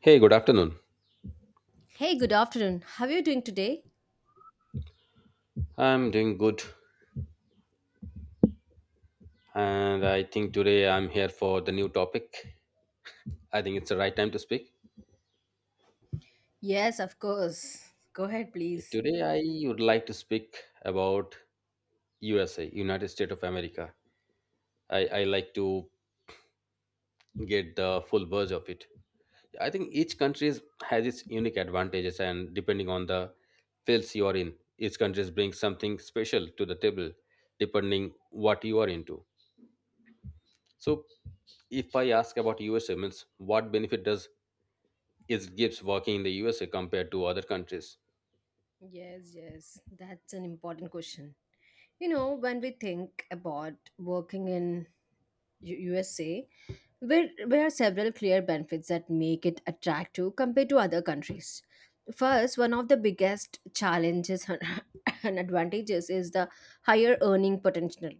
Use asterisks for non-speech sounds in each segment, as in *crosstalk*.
Hey, good afternoon. Hey, good afternoon. How are you doing today? I'm doing good, and I think today I'm here for the new topic. I think it's the right time to speak. Yes, of course. Go ahead, Okay, please. today, I would like to speak about USA, United States of America. I like to get the full verge of it. I think each country has its unique advantages, and depending on the fields you are in, each country brings something special to the table, depending what you are into. So, if I ask about USA, means what benefit does it gives working in the USA compared to other countries. Yes, yes, that's an important question. You know, when we think about working in USA, there are several clear benefits that make it attractive compared to other countries. First, one of the biggest challenges *laughs* and advantages is the higher earning potential.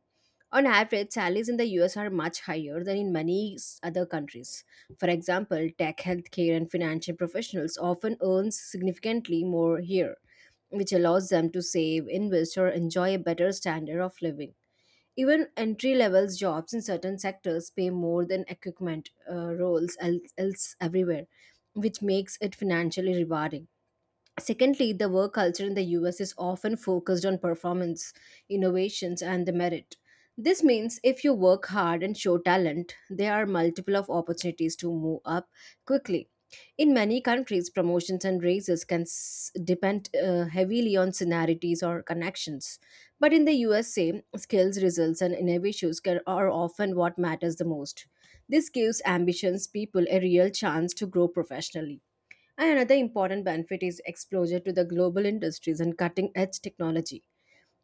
On average, salaries in the US are much higher than in many other countries. For example, tech, healthcare, and financial professionals often earn significantly more here, which allows them to save, invest, or enjoy a better standard of living. Even entry level jobs in certain sectors pay more than equipment roles else, else everywhere, which makes it financially rewarding. Secondly, the work culture in the US is often focused on performance, innovations, and the merit. This means if you work hard and show talent, there are multiple of opportunities to move up quickly. In many countries, promotions and raises can depend heavily on seniorities or connections. But in the USA, skills, results, and innovations can, are often what matters the most. This gives ambitious people a real chance to grow professionally. And another important benefit is exposure to the global industries and cutting edge technology.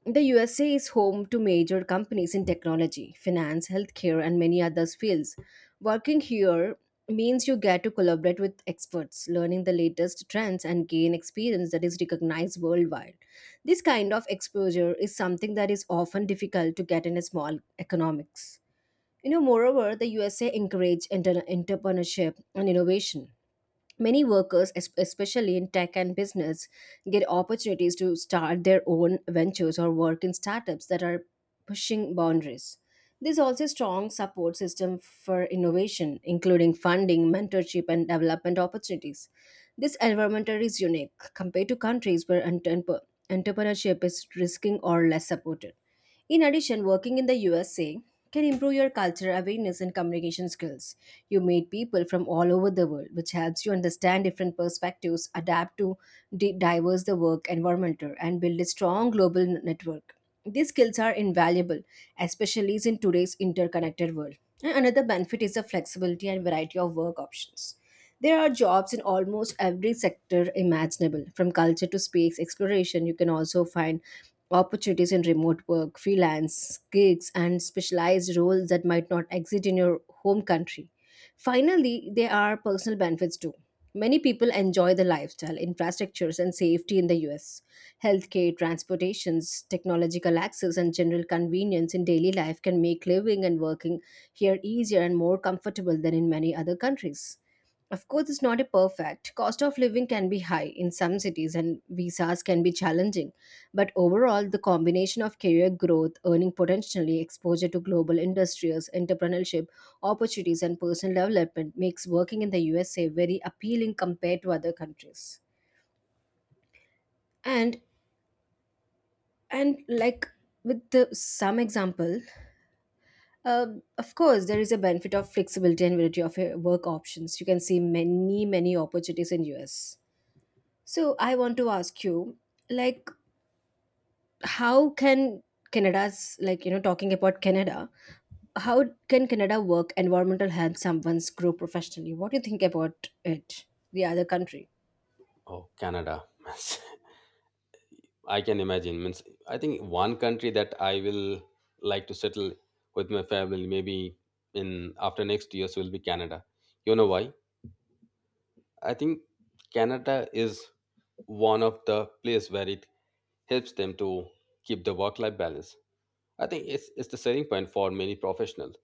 The USA is home to major companies in technology, finance, healthcare, and many other fields. Working here means you get to collaborate with experts, learning the latest trends, and gain experience that is recognized worldwide. This kind of exposure is something that is often difficult to get in a small economics. You know, moreover, the USA encourage entrepreneurship and innovation. Many workers, especially in tech and business, get opportunities to start their own ventures or work in startups that are pushing boundaries. There's also a strong support system for innovation, including funding, mentorship, and development opportunities. This environment is unique compared to countries where entrepreneurship is risking or less supported. In addition, working in the USA can improve your cultural awareness and communication skills. You meet people from all over the world, which helps you understand different perspectives, adapt to diverse the work environment, and build a strong global network. These skills are invaluable, especially in today's interconnected world. And another benefit is the flexibility and variety of work options. There are jobs in almost every sector imaginable, from culture to space exploration. You can also find opportunities in remote work, freelance gigs, and specialized roles that might not exist in your home country. Finally, there are personal benefits too. Many people enjoy the lifestyle, infrastructures, and safety in the US. Healthcare, transportations, technological access, and general convenience in daily life can make living and working here easier and more comfortable than in many other countries. Of course, it's not a perfect. Cost of living can be high in some cities and visas can be challenging. But overall, the combination of career growth, earning potentially, exposure to global industries, entrepreneurship, opportunities and personal development makes working in the USA very appealing compared to other countries. And and like with the, some example, uh, of course, there is a benefit of flexibility and variety of work options. You can see many opportunities in US. So I want to ask you, like, how can Canada's like you know talking about Canada, how can Canada work environmental help someone's grow professionally? What do you think about it? The other country. Oh, Canada. *laughs* I can imagine. Means I think one country that I will like to settle with my family maybe in after next years will be Canada. You know why? I think Canada is one of the place where it helps them to keep the work life balance. I think it's the selling point for many professionals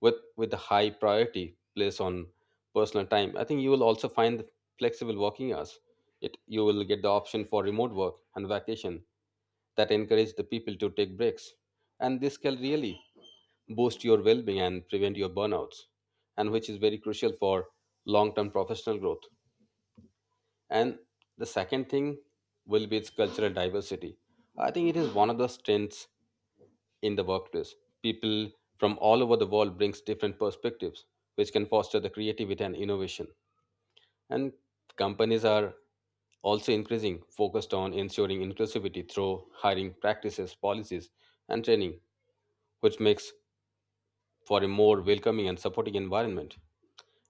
with the high priority placed on personal time. I think you will also find the flexible working hours. It, you will get the option for remote work and vacation that encourage the people to take breaks. And this can really boost your well being and prevent your burnouts, and which is very crucial for long term professional growth. And the second thing will be its cultural diversity. I think it is one of the strengths in the workplace. People from all over the world brings different perspectives, which can foster the creativity and innovation. And companies are also increasing focused on ensuring inclusivity through hiring practices, policies, and training, which makes for a more welcoming and supporting environment.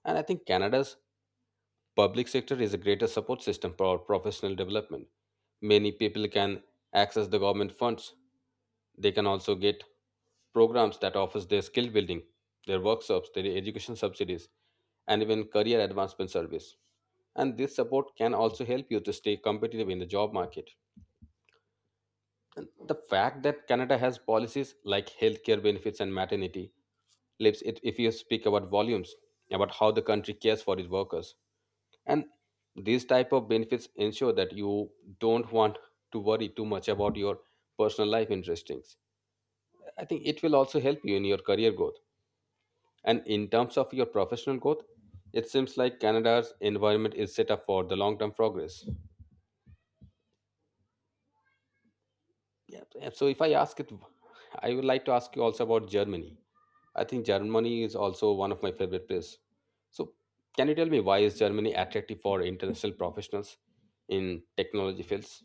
And I think Canada's public sector is a greater support system for professional development. Many people can access the government funds, they can also get programs that offers their skill building, their workshops, their education subsidies, and even career advancement service. And this support can also help you to stay competitive in the job market. And the fact that Canada has policies like healthcare benefits and maternity leaves, it if you speak about volumes about how the country cares for its workers. And these type of benefits ensure that you don't want to worry too much about your personal life interests. I think it will also help you in your career growth. And in terms of your professional growth, it seems like Canada's environment is set up for the long term progress. Yeah, yeah, so if I ask it, I would like to ask you also about Germany. I think Germany is also one of my favorite places. So can you tell me why is Germany attractive for international professionals in technology fields?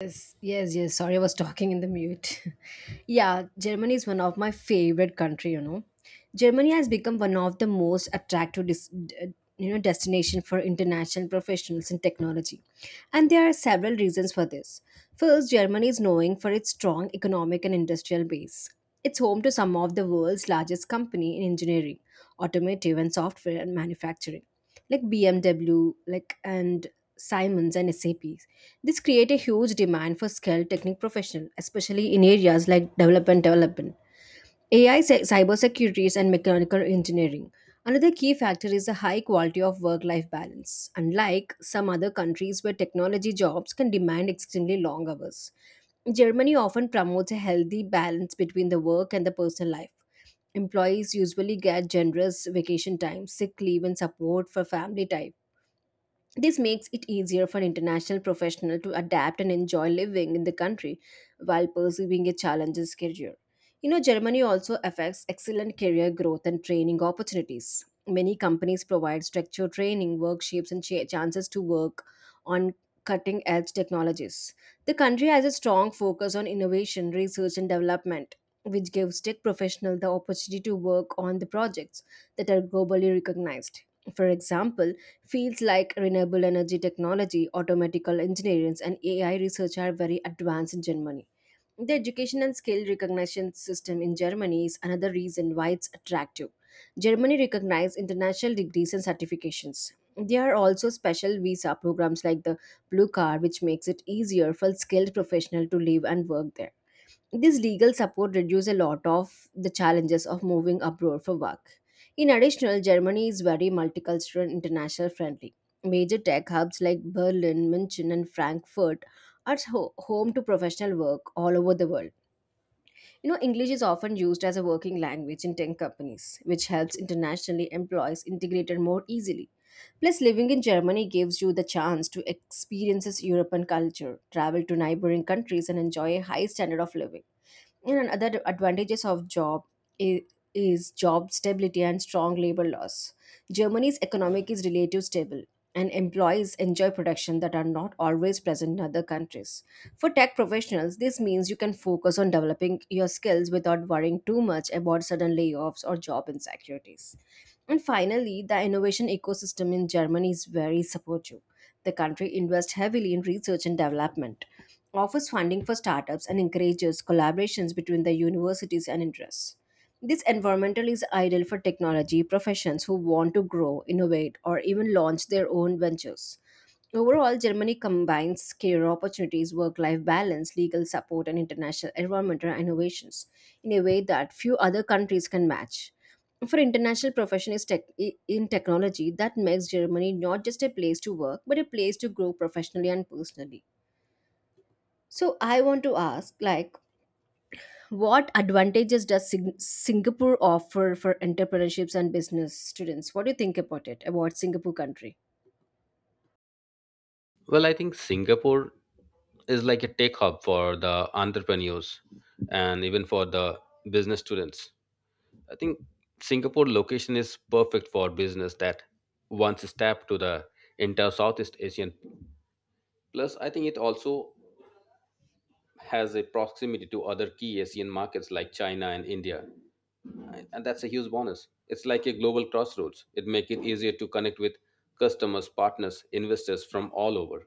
Yes, yes, yes. Sorry, I was talking in the mute. *laughs* Yeah, Germany is one of my favorite country. You know, Germany has become one of the most attractive, you know, destination for international professionals in technology, and there are several reasons for this. First, Germany is known for its strong economic and industrial base. It's home to some of the world's largest company in engineering, automotive, and software and manufacturing, like BMW, like and Siemens and SAP. This create a huge demand for skilled technical professional, especially in areas like development, AI, cybersecurity, and mechanical engineering. Another key factor is the high quality of work-life balance. Unlike some other countries where technology jobs can demand extremely long hours, Germany often promotes a healthy balance between the work and the personal life. Employees usually get generous vacation time, sick leave, and support for family time. This makes it easier for an international professional to adapt and enjoy living in the country while pursuing a challenging career. You know, Germany also affects excellent career growth and training opportunities. Many companies provide structured training, workshops, and chances to work on cutting edge technologies. The country has a strong focus on innovation, research, and development, which gives tech professionals the opportunity to work on the projects that are globally recognized. For example, fields like renewable energy technology, automatical engineering, and AI research are very advanced in Germany. The education and skill recognition system in Germany is another reason why it's attractive. Germany recognizes international degrees and certifications. There are also special visa programs like the Blue Card, which makes it easier for skilled professionals to live and work there. This legal support reduces a lot of the challenges of moving abroad for work. In addition, Germany is very multicultural and international friendly. Major tech hubs like Berlin, München, and Frankfurt are home to professional work all over the world. You know, English is often used as a working language in tech companies, which helps internationally employees integrated more easily. Plus, living in Germany gives you the chance to experience European culture, travel to neighboring countries, and enjoy a high standard of living. And another advantages of job is, is job stability and strong labor laws. Germany's economic is relatively stable, and employees enjoy production that are not always present in other countries. For tech professionals, this means you can focus on developing your skills without worrying too much about sudden layoffs or job insecurities. And finally, the innovation ecosystem in Germany is very supportive. The country invests heavily in research and development, offers funding for startups and encourages collaborations between the universities and interests. This environmental is ideal for technology professions who want to grow, innovate, or even launch their own ventures. Overall, Germany combines career opportunities, work life balance, legal support, and international environmental innovations in a way that few other countries can match. For international professionals in technology, that makes Germany not just a place to work, but a place to grow professionally and personally. So I want to ask, like, what advantages does Singapore offer for entrepreneurships and business students? What do you think about it, about Singapore country? Well, I think Singapore is like a tech hub for the entrepreneurs and even for the business students. I think Singapore location is perfect for business that wants to tap to the entire Southeast Asian. Plus, I think it also has a proximity to other key Asian markets like China and India, and that's a huge bonus. It's like a global crossroads. It makes it easier to connect with customers, partners, investors from all over.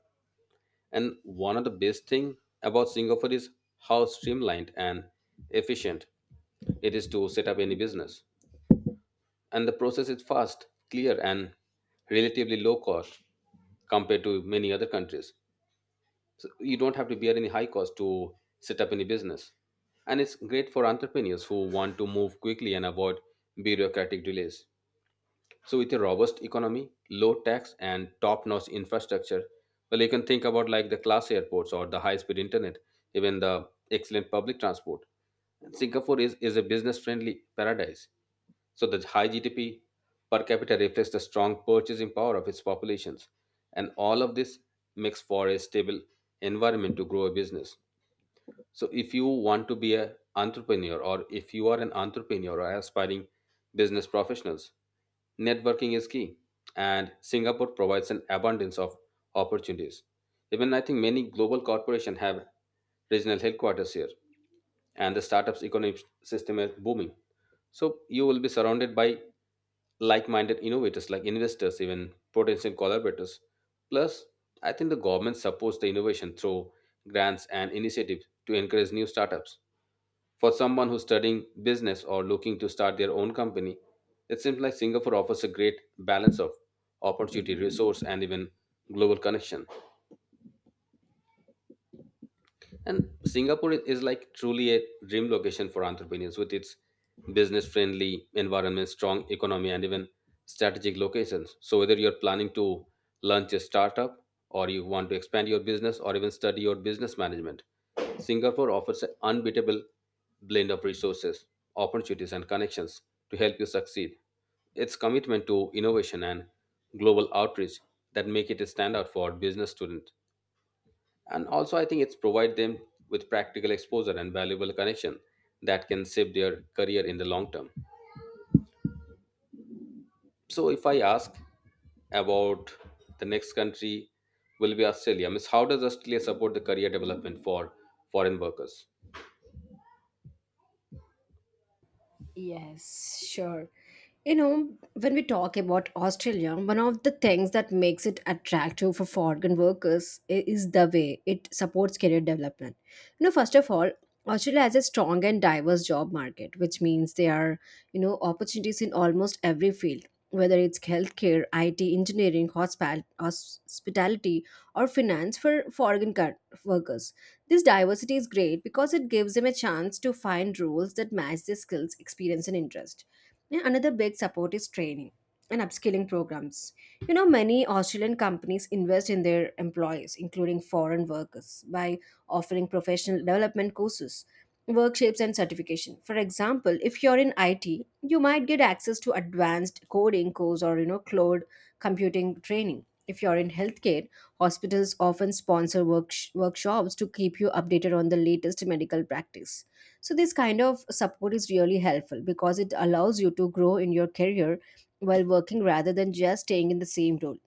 And one of the best thing about Singapore is how streamlined and efficient it is to set up any business. And the process is fast, clear, and relatively low cost compared to many other countries. So you don't have to bear any high cost to set up any business. And it's great for entrepreneurs who want to move quickly and avoid bureaucratic delays. So with a robust economy, low tax and top-notch infrastructure, well you can think about like the class airports or the high-speed internet, even the excellent public transport. Singapore is a business friendly paradise. So the high GDP per capita reflects the strong purchasing power of its populations, and all of this makes for a stable environment to grow a business. So if you want to be an entrepreneur or if you are an entrepreneur or aspiring business professionals, networking is key. And Singapore provides an abundance of opportunities. Even I think many global corporations have regional headquarters here, and the startups ecosystem is booming. So you will be surrounded by like-minded innovators, like investors, even potential collaborators. Plus I think the government supports the innovation through grants and initiatives to encourage new startups. For someone who's studying business or looking to start their own company, it seems like Singapore offers a great balance of opportunity, resource, and even global connection. And Singapore is like truly a dream location for entrepreneurs with its business friendly environment, strong economy, and even strategic locations. So, whether you're planning to launch a startup or you want to expand your business or even study your business management, Singapore offers an unbeatable blend of resources, opportunities, and connections to help you succeed. Its commitment to innovation and global outreach that make it a standout for business students, and also I think it's provide them with practical exposure and valuable connection that can shape their career in the long term. So if I ask about the next country, will be Australia means how does Australia support the career development for foreign workers? Yes, sure. You know, when we talk about Australia, one of the things that makes it attractive for foreign workers is the way it supports career development. You know, first of all, Australia has a strong and diverse job market, which means there are, you know, opportunities in almost every field, whether it's healthcare, IT, engineering, hospital, hospitality, or finance for foreign workers. This diversity is great because it gives them a chance to find roles that match their skills, experience, and interest. And another big support is training and upskilling programs. You know, many Australian companies invest in their employees, including foreign workers, by offering professional development courses, workshops and certification. For example, if you're in it, you might get access to advanced coding course or you know cloud computing training. If you're in healthcare, hospitals often sponsor workshops to keep you updated on the latest medical practice. So, this kind of support is really helpful because it allows you to grow in your career while working rather than just staying in the same role.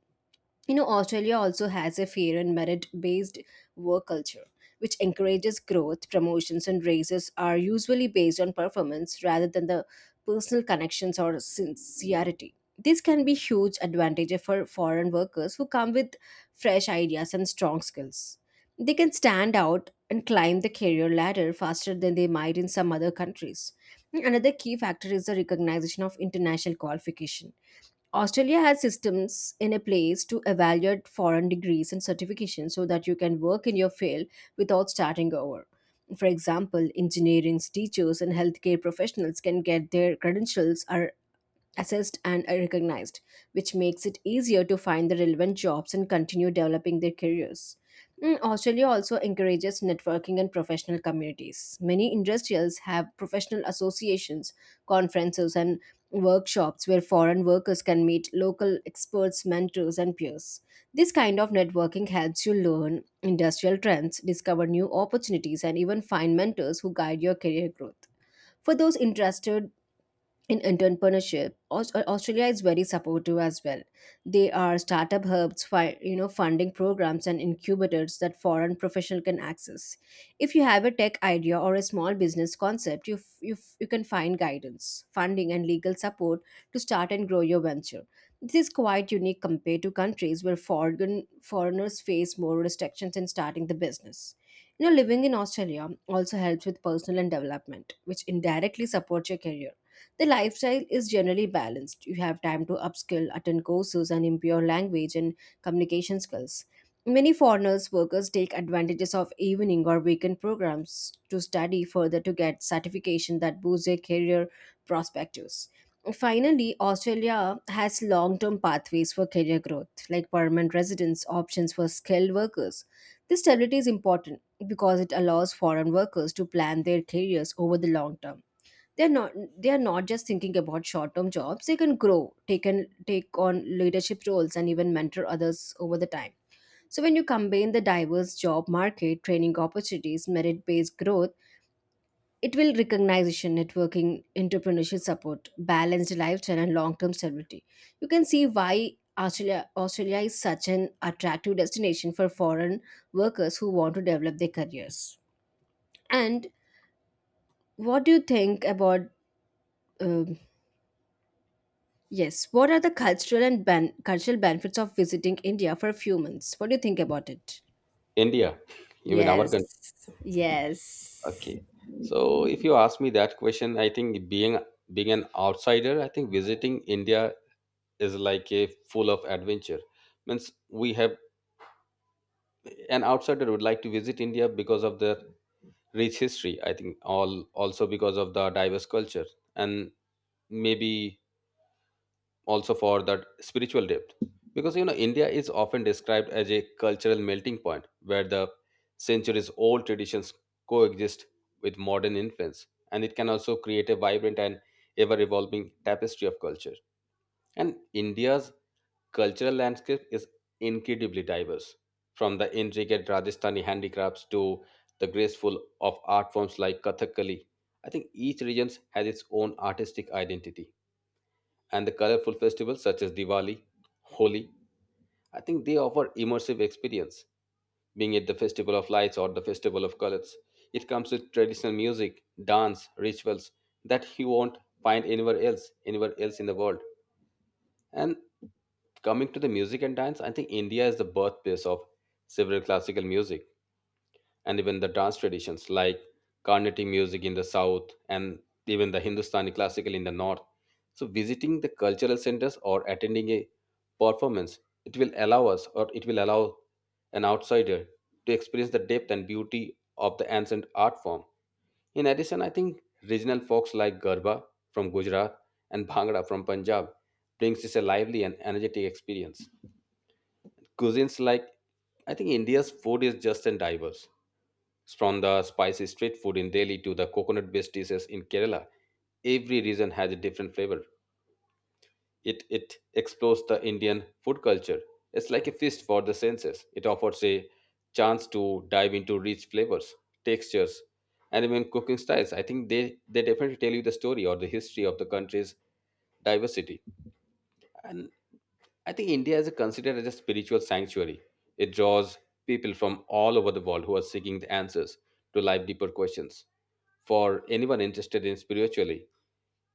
You know, Australia also has a fair and merit based work culture, which encourages growth, promotions, and raises are usually based on performance rather than the personal connections or sincerity. This can be huge advantage for foreign workers who come with fresh ideas and strong skills. They can stand out and climb the career ladder faster than they might in some other countries. Another key factor is the recognition of international qualification. Australia has systems in a place to evaluate foreign degrees and certifications so that you can work in your field without starting over. For example, engineering teachers and healthcare professionals can get their credentials or assessed and recognized, which makes it easier to find the relevant jobs and continue developing their careers. Mm, Australia also encourages networking and professional communities. Many industrials have professional associations, conferences, and workshops where foreign workers can meet local experts, mentors, and peers. This kind of networking helps you learn industrial trends, discover new opportunities, and even find mentors who guide your career growth. For those interested in entrepreneurship Australia is very supportive as well. They are startup hubs, funding programs and incubators that foreign professional can access. If you have a tech idea or a small business concept, you can find guidance, funding and legal support to start and grow your venture. This is quite unique compared to countries where foreigners face more restrictions in starting the business. Living in Australia also helps with personal and development, which indirectly supports your career. The lifestyle is generally balanced. You have time to upskill, attend courses, and improve your language and communication skills. Many foreigners workers take advantages of evening or weekend programs to study further to get certification that boosts their career prospects. Finally, Australia has long term pathways for career growth, like permanent residence options for skilled workers. This stability is important because it allows foreign workers to plan their careers over the long term. they're not they are not just thinking about short-term jobs. They can grow, take and take on leadership roles and even mentor others over the time. So when you combine the diverse job market, training opportunities, merit-based growth, it will recognition, networking, entrepreneurship support, balanced lifestyle and long-term stability, you can see why Australia is such an attractive destination for foreign workers who want to develop their careers. And what do you think about uh, Yes. What are the cultural and cultural benefits of visiting India for a few months? What do you think about it? India, you mean our country? Yes. Yes. Okay, so if you ask me that question, I think being being an outsider, I think visiting India is like a full of adventure. Means we have, an outsider would like to visit India because of the rich history, I think all also because of the diverse culture, and maybe also for that spiritual depth. Because you know India is often described as a cultural melting point where the centuries old traditions coexist with modern influence, and it can also create a vibrant and ever evolving tapestry of culture. And India's cultural landscape is incredibly diverse, from the intricate Rajasthani handicrafts to the graceful of art forms like Kathakali. I think each region has its own artistic identity, and the colorful festivals such as Diwali, Holi, I think they offer immersive experience, being it the festival of lights or the festival of colors. It comes with traditional music, dance, rituals that you won't find anywhere else in the world. And coming to the music and dance, I think India is the birthplace of several classical music and even the dance traditions like Carnatic music in the south and even the Hindustani classical in the north. So, visiting the cultural centers or attending a performance, it will allow an outsider to experience the depth and beauty of the ancient art form. In addition, I think regional folks like Garba from Gujarat and Bhangra from Punjab brings us a lively and energetic experience. Cuisines like, I think India's food is just and diverse. From the spicy street food in Delhi to the coconut-based dishes in Kerala, every region has a different flavor. It explores the Indian food culture. It's like a feast for the senses. It offers a chance to dive into rich flavors, textures, and even cooking styles. I think they definitely tell you the story or the history of the country's diversity. And I think India is considered as a spiritual sanctuary. It draws people from all over the world who are seeking the answers to life deeper questions. For anyone interested in spiritually,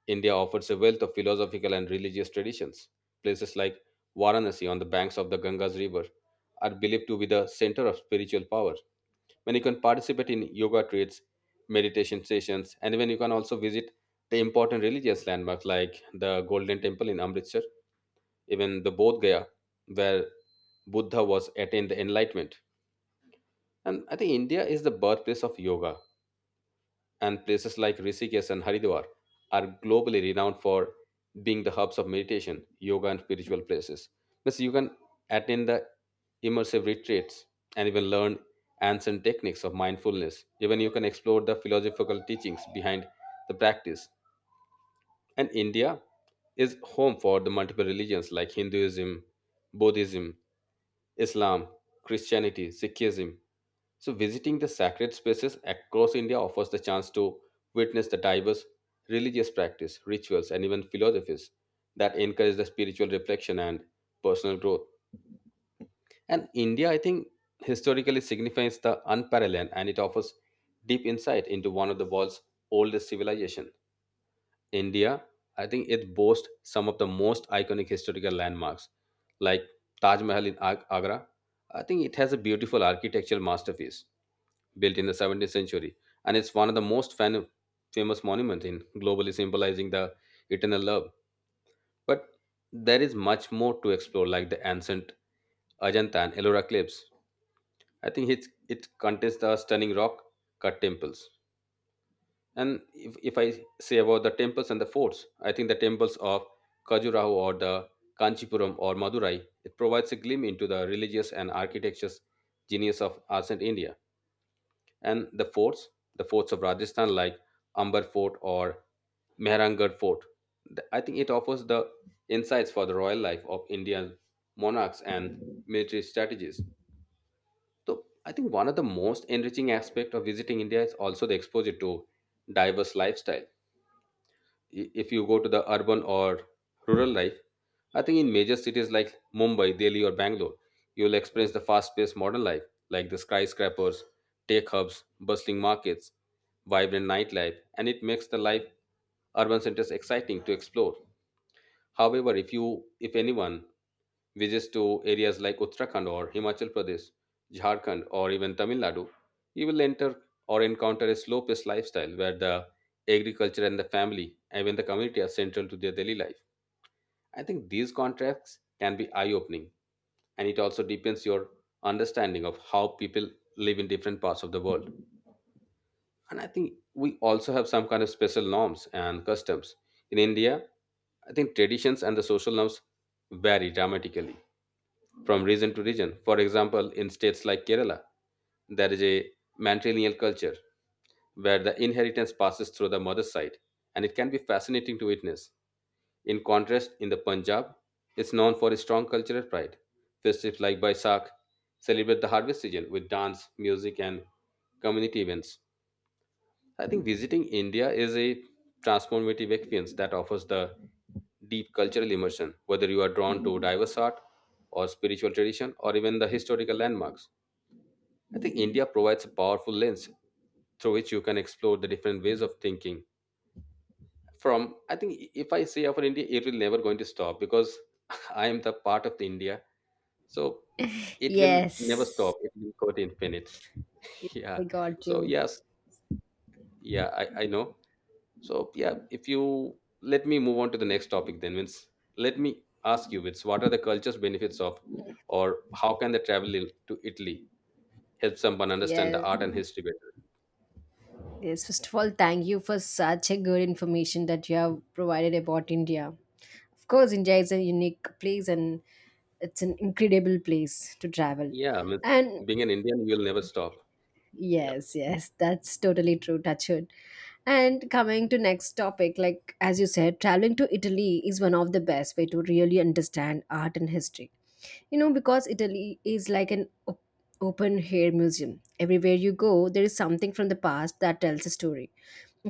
India offers a wealth of philosophical and religious traditions. Places like Varanasi on the banks of the Ganga's river are believed to be the center of spiritual power. When you can participate in yoga retreats, meditation sessions, and when you can also visit the important religious landmarks like the Golden Temple in Amritsar, even the Bodh Gaya, where Buddha was attained the enlightenment. And I think India is the birthplace of yoga, and places like Rishikesh and Haridwar are globally renowned for being the hubs of meditation, yoga, and spiritual places. Means you can attend the immersive retreats and even learn ancient techniques of mindfulness. Even you can explore the philosophical teachings behind the practice. And India is home for the multiple religions like Hinduism, Buddhism, Islam, Christianity, Sikhism. So, visiting the sacred spaces across India offers the chance to witness the diverse religious practice, rituals, and even philosophies that encourage the spiritual reflection and personal growth. And India, I think, historically signifies the unparalleled and it offers deep insight into one of the world's oldest civilizations. India, I think it boasts some of the most iconic historical landmarks, like Taj Mahal in Agra. I think it has a beautiful architectural masterpiece built in the 17th century, and it's one of the most famous monuments in globally symbolizing the eternal love. But there is much more to explore, like the ancient Ajanta and Ellora cliffs. I think it contains the stunning rock cut temples. And if I say about the temples and the forts, I think the temples of Khajuraho or the Kanchipuram or Madurai, it provides a glimpse into the religious and architecture's genius of ancient India. And the forts of Rajasthan like Amber Fort or Mehrangarh Fort, I think it offers the insights for the royal life of Indian monarchs and military strategies. So I think one of the most enriching aspect of visiting India is also the exposure to diverse lifestyle. If you go to the urban or rural life, I think in major cities like Mumbai, Delhi, or Bangalore, you'll experience the fast paced modern life like the skyscrapers, tech hubs, bustling markets, vibrant nightlife, and it makes the life urban centers exciting to explore. However, if anyone visits to areas like Uttarakhand or Himachal Pradesh, Jharkhand, or even Tamil Nadu, you will enter or encounter a slow paced lifestyle where the agriculture and the family, even the community, are central to their daily life. I think these contrasts can be eye opening, and it also deepens your understanding of how people live in different parts of the world. And I think we also have some kind of special norms and customs in india. I think traditions and the social norms vary dramatically from region to region. For example, in states like kerala there is a matrilineal culture where the inheritance passes through the mother's side and it can be fascinating to witness. In contrast, in the punjab, it's known for its strong cultural pride. Festivals like baisakh celebrate the harvest season with dance music and community events. I think visiting India is a transformative experience that offers the deep cultural immersion, whether you are drawn to diverse art or spiritual tradition or even the historical landmarks. I think India provides a powerful lens through which you can explore the different ways of thinking. From I think if I say for India, it will never going to stop because *laughs* I am the part of the India. So it will never Yes. stop. It will go to infinite. *laughs* Yeah. I got So you. yes, yeah, I know. So yeah, if you let me move on to the next topic, then Vince, let me ask you, Vince, what are the culture's benefits of, or how can the to Italy help someone understand the Yes. art and history better? Yes. First of all, thank you for such a good information that you have provided about India. Of course, India is a unique place and it's an incredible place to travel. Yeah, Vince, And being an Indian, you'll never stop. Yeah. yes, yes, that's totally true, Touchwood. And coming to next topic, like as you said, traveling to Italy is one of the best way to really understand art and history. You know, because Italy is like an open air museum. Everywhere you go, there is something from the past that tells a story.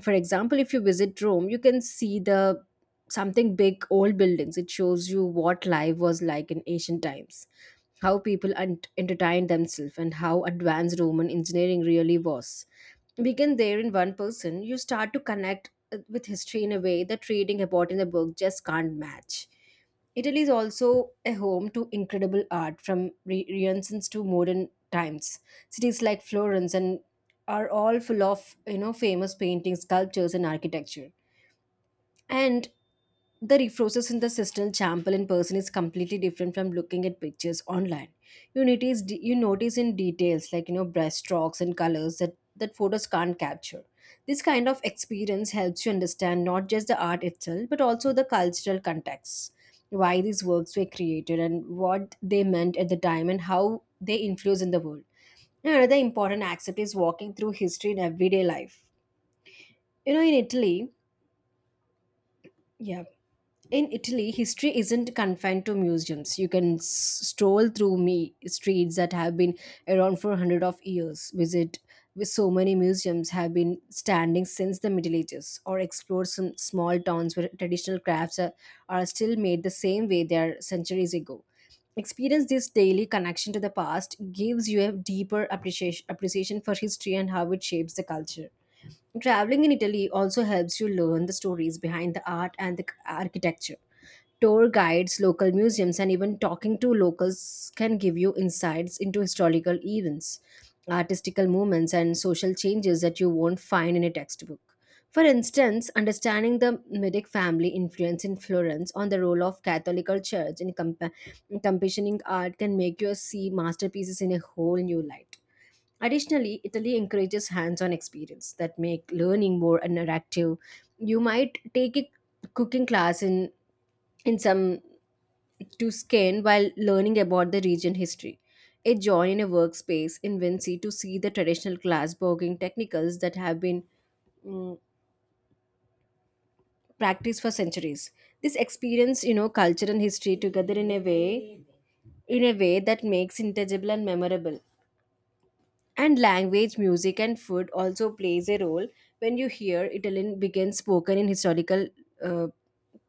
For example, if you visit Rome, you can see the something big old buildings. It shows you what life was like in ancient times, how people entertained themselves and how advanced Roman engineering really was. Begin there in one person, you start to connect with history in a way that reading about in a book just can't match. Italy is also a home to incredible art from Renaissance to modern times. Cities like Florence and are all full of famous paintings, sculptures, and architecture. And the resources in the system sample in person is completely different from looking at pictures online. You notice in details like brushstrokes and colors that photos can't capture. This kind of experience helps you understand not just the art itself but also the cultural context, why these works were created and what they meant at the time and how they influence in the world. Another important aspect is walking through history in everyday life. you know in italy yeah in Italy, history isn't confined to museums. You can stroll through me streets that have been around for hundreds of years. Visit with so many museums have been standing since the Middle Ages, or explore some small towns where traditional crafts are still made the same way they are centuries ago. Experience this daily connection to the past gives you a deeper appreciation for history and how it shapes the culture. Traveling in Italy also helps you learn the stories behind the art and the architecture. Tour guides, local museums, and even talking to locals can give you insights into historical events, artistical movements, and social changes that you won't find in a textbook. For instance, understanding the Medic family influence in Florence on the role of Catholic Church in in commissioning art can make you see masterpieces in a whole new light. Additionally, Italy encourages hands-on experience that make learning more interactive. You might take a cooking class in some to skin while learning about the region history. A join in a workspace in Vinci to see the traditional glass blogging technicals that have been mm, practiced for centuries. This experience, you know, culture and history together in a way that makes intangible and memorable. And language, music, and food also plays a role. When you hear Italian begins spoken in historical uh,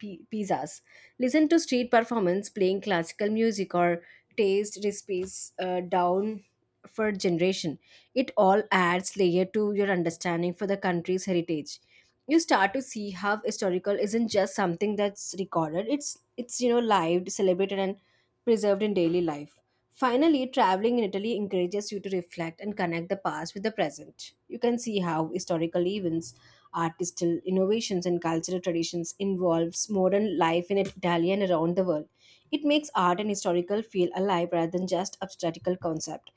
pizzas, listen to street performance playing classical music or taste recipes down for generation. It all adds layer to your understanding for the country's heritage. You start to see how historical isn't just something that's recorded. It's lived, celebrated, and preserved in daily life. Finally, traveling in Italy encourages you to reflect and connect the past with the present. You can see how historical events, artistical innovations, and cultural traditions involves modern life in Italy and around the world. It makes art and historical feel alive rather than just abstractical concept.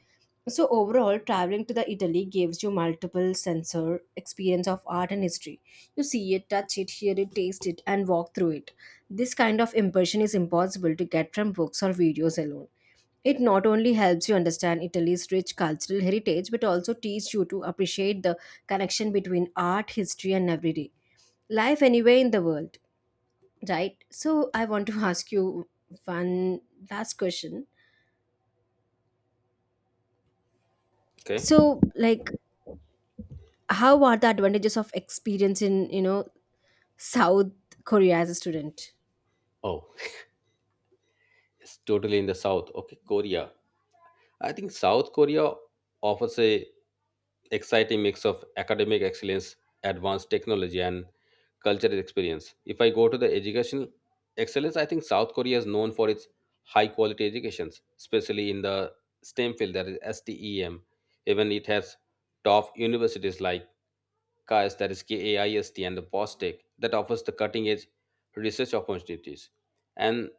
So overall, traveling to the Italy gives you multiple sensor experience of art and history. You see it, touch it, hear it, taste it, and walk through it. This kind of impression is impossible to get from books or videos alone. It not only helps you understand Italy's rich cultural heritage, but also teaches you to appreciate the connection between art, history, and everyday life anywhere in the world, right? So, I want to *laughs* ask you one last question. Okay. So, like, how are the advantages of experience in, South Korea as a student? Oh, it's totally in the south. Okay, Korea. I think South Korea offers a exciting mix of academic excellence, advanced technology, and cultural experience. If I go to the educational excellence, I think South Korea is known for its high quality educations, especially in the STEM field, that is STEM. Even it has top universities like KAIST, that is KAIST, and the POSTEC that offers the cutting edge research opportunities. And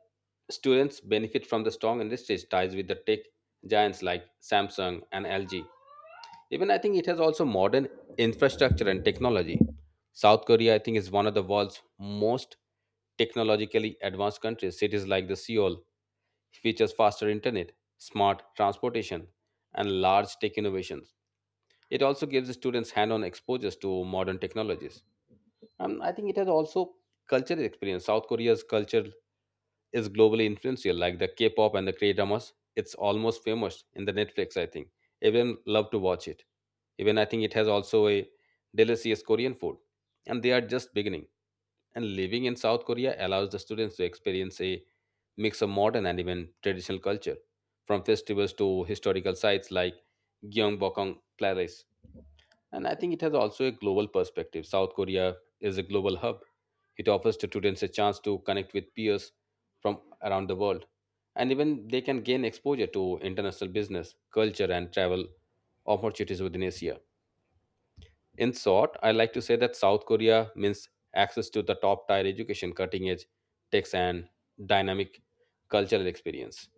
students benefit from the strong industry ties with the tech giants like Samsung and LG. Even I think it has also modern infrastructure and technology. South Korea, I think, is one of the world's most technologically advanced countries. Cities like the Seoul features faster internet, smart transportation, and large tech innovations. It also gives the students hand-on exposures to modern technologies. And I think it has also cultural experience. South Korea's culture is globally influential, like the K-pop and the K-dramas. It's almost famous in the Netflix, I think. Everyone love to watch it. Even I think it has also a delicious Korean food, and they are just beginning. And living in South Korea allows the students to experience a mix of modern and even traditional culture, from festivals to historical sites like Gyeongbokgung Palace. And I think it has also a global perspective. South Korea is a global hub. It offers to students a chance to connect with peers from around the world, and even they can gain exposure to international business, culture, and travel opportunities within Asia. In short, I like to say that South Korea means access to the top tier education, cutting edge techs, and dynamic cultural experience.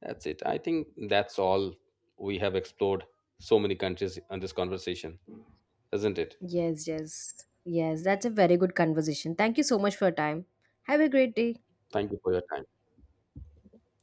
That's it. I think that's all we have explored so many countries in this conversation, isn't it? Yes, yes, yes. That's a very good conversation. Thank you so much for your time. Have a great day. Thank you for your time.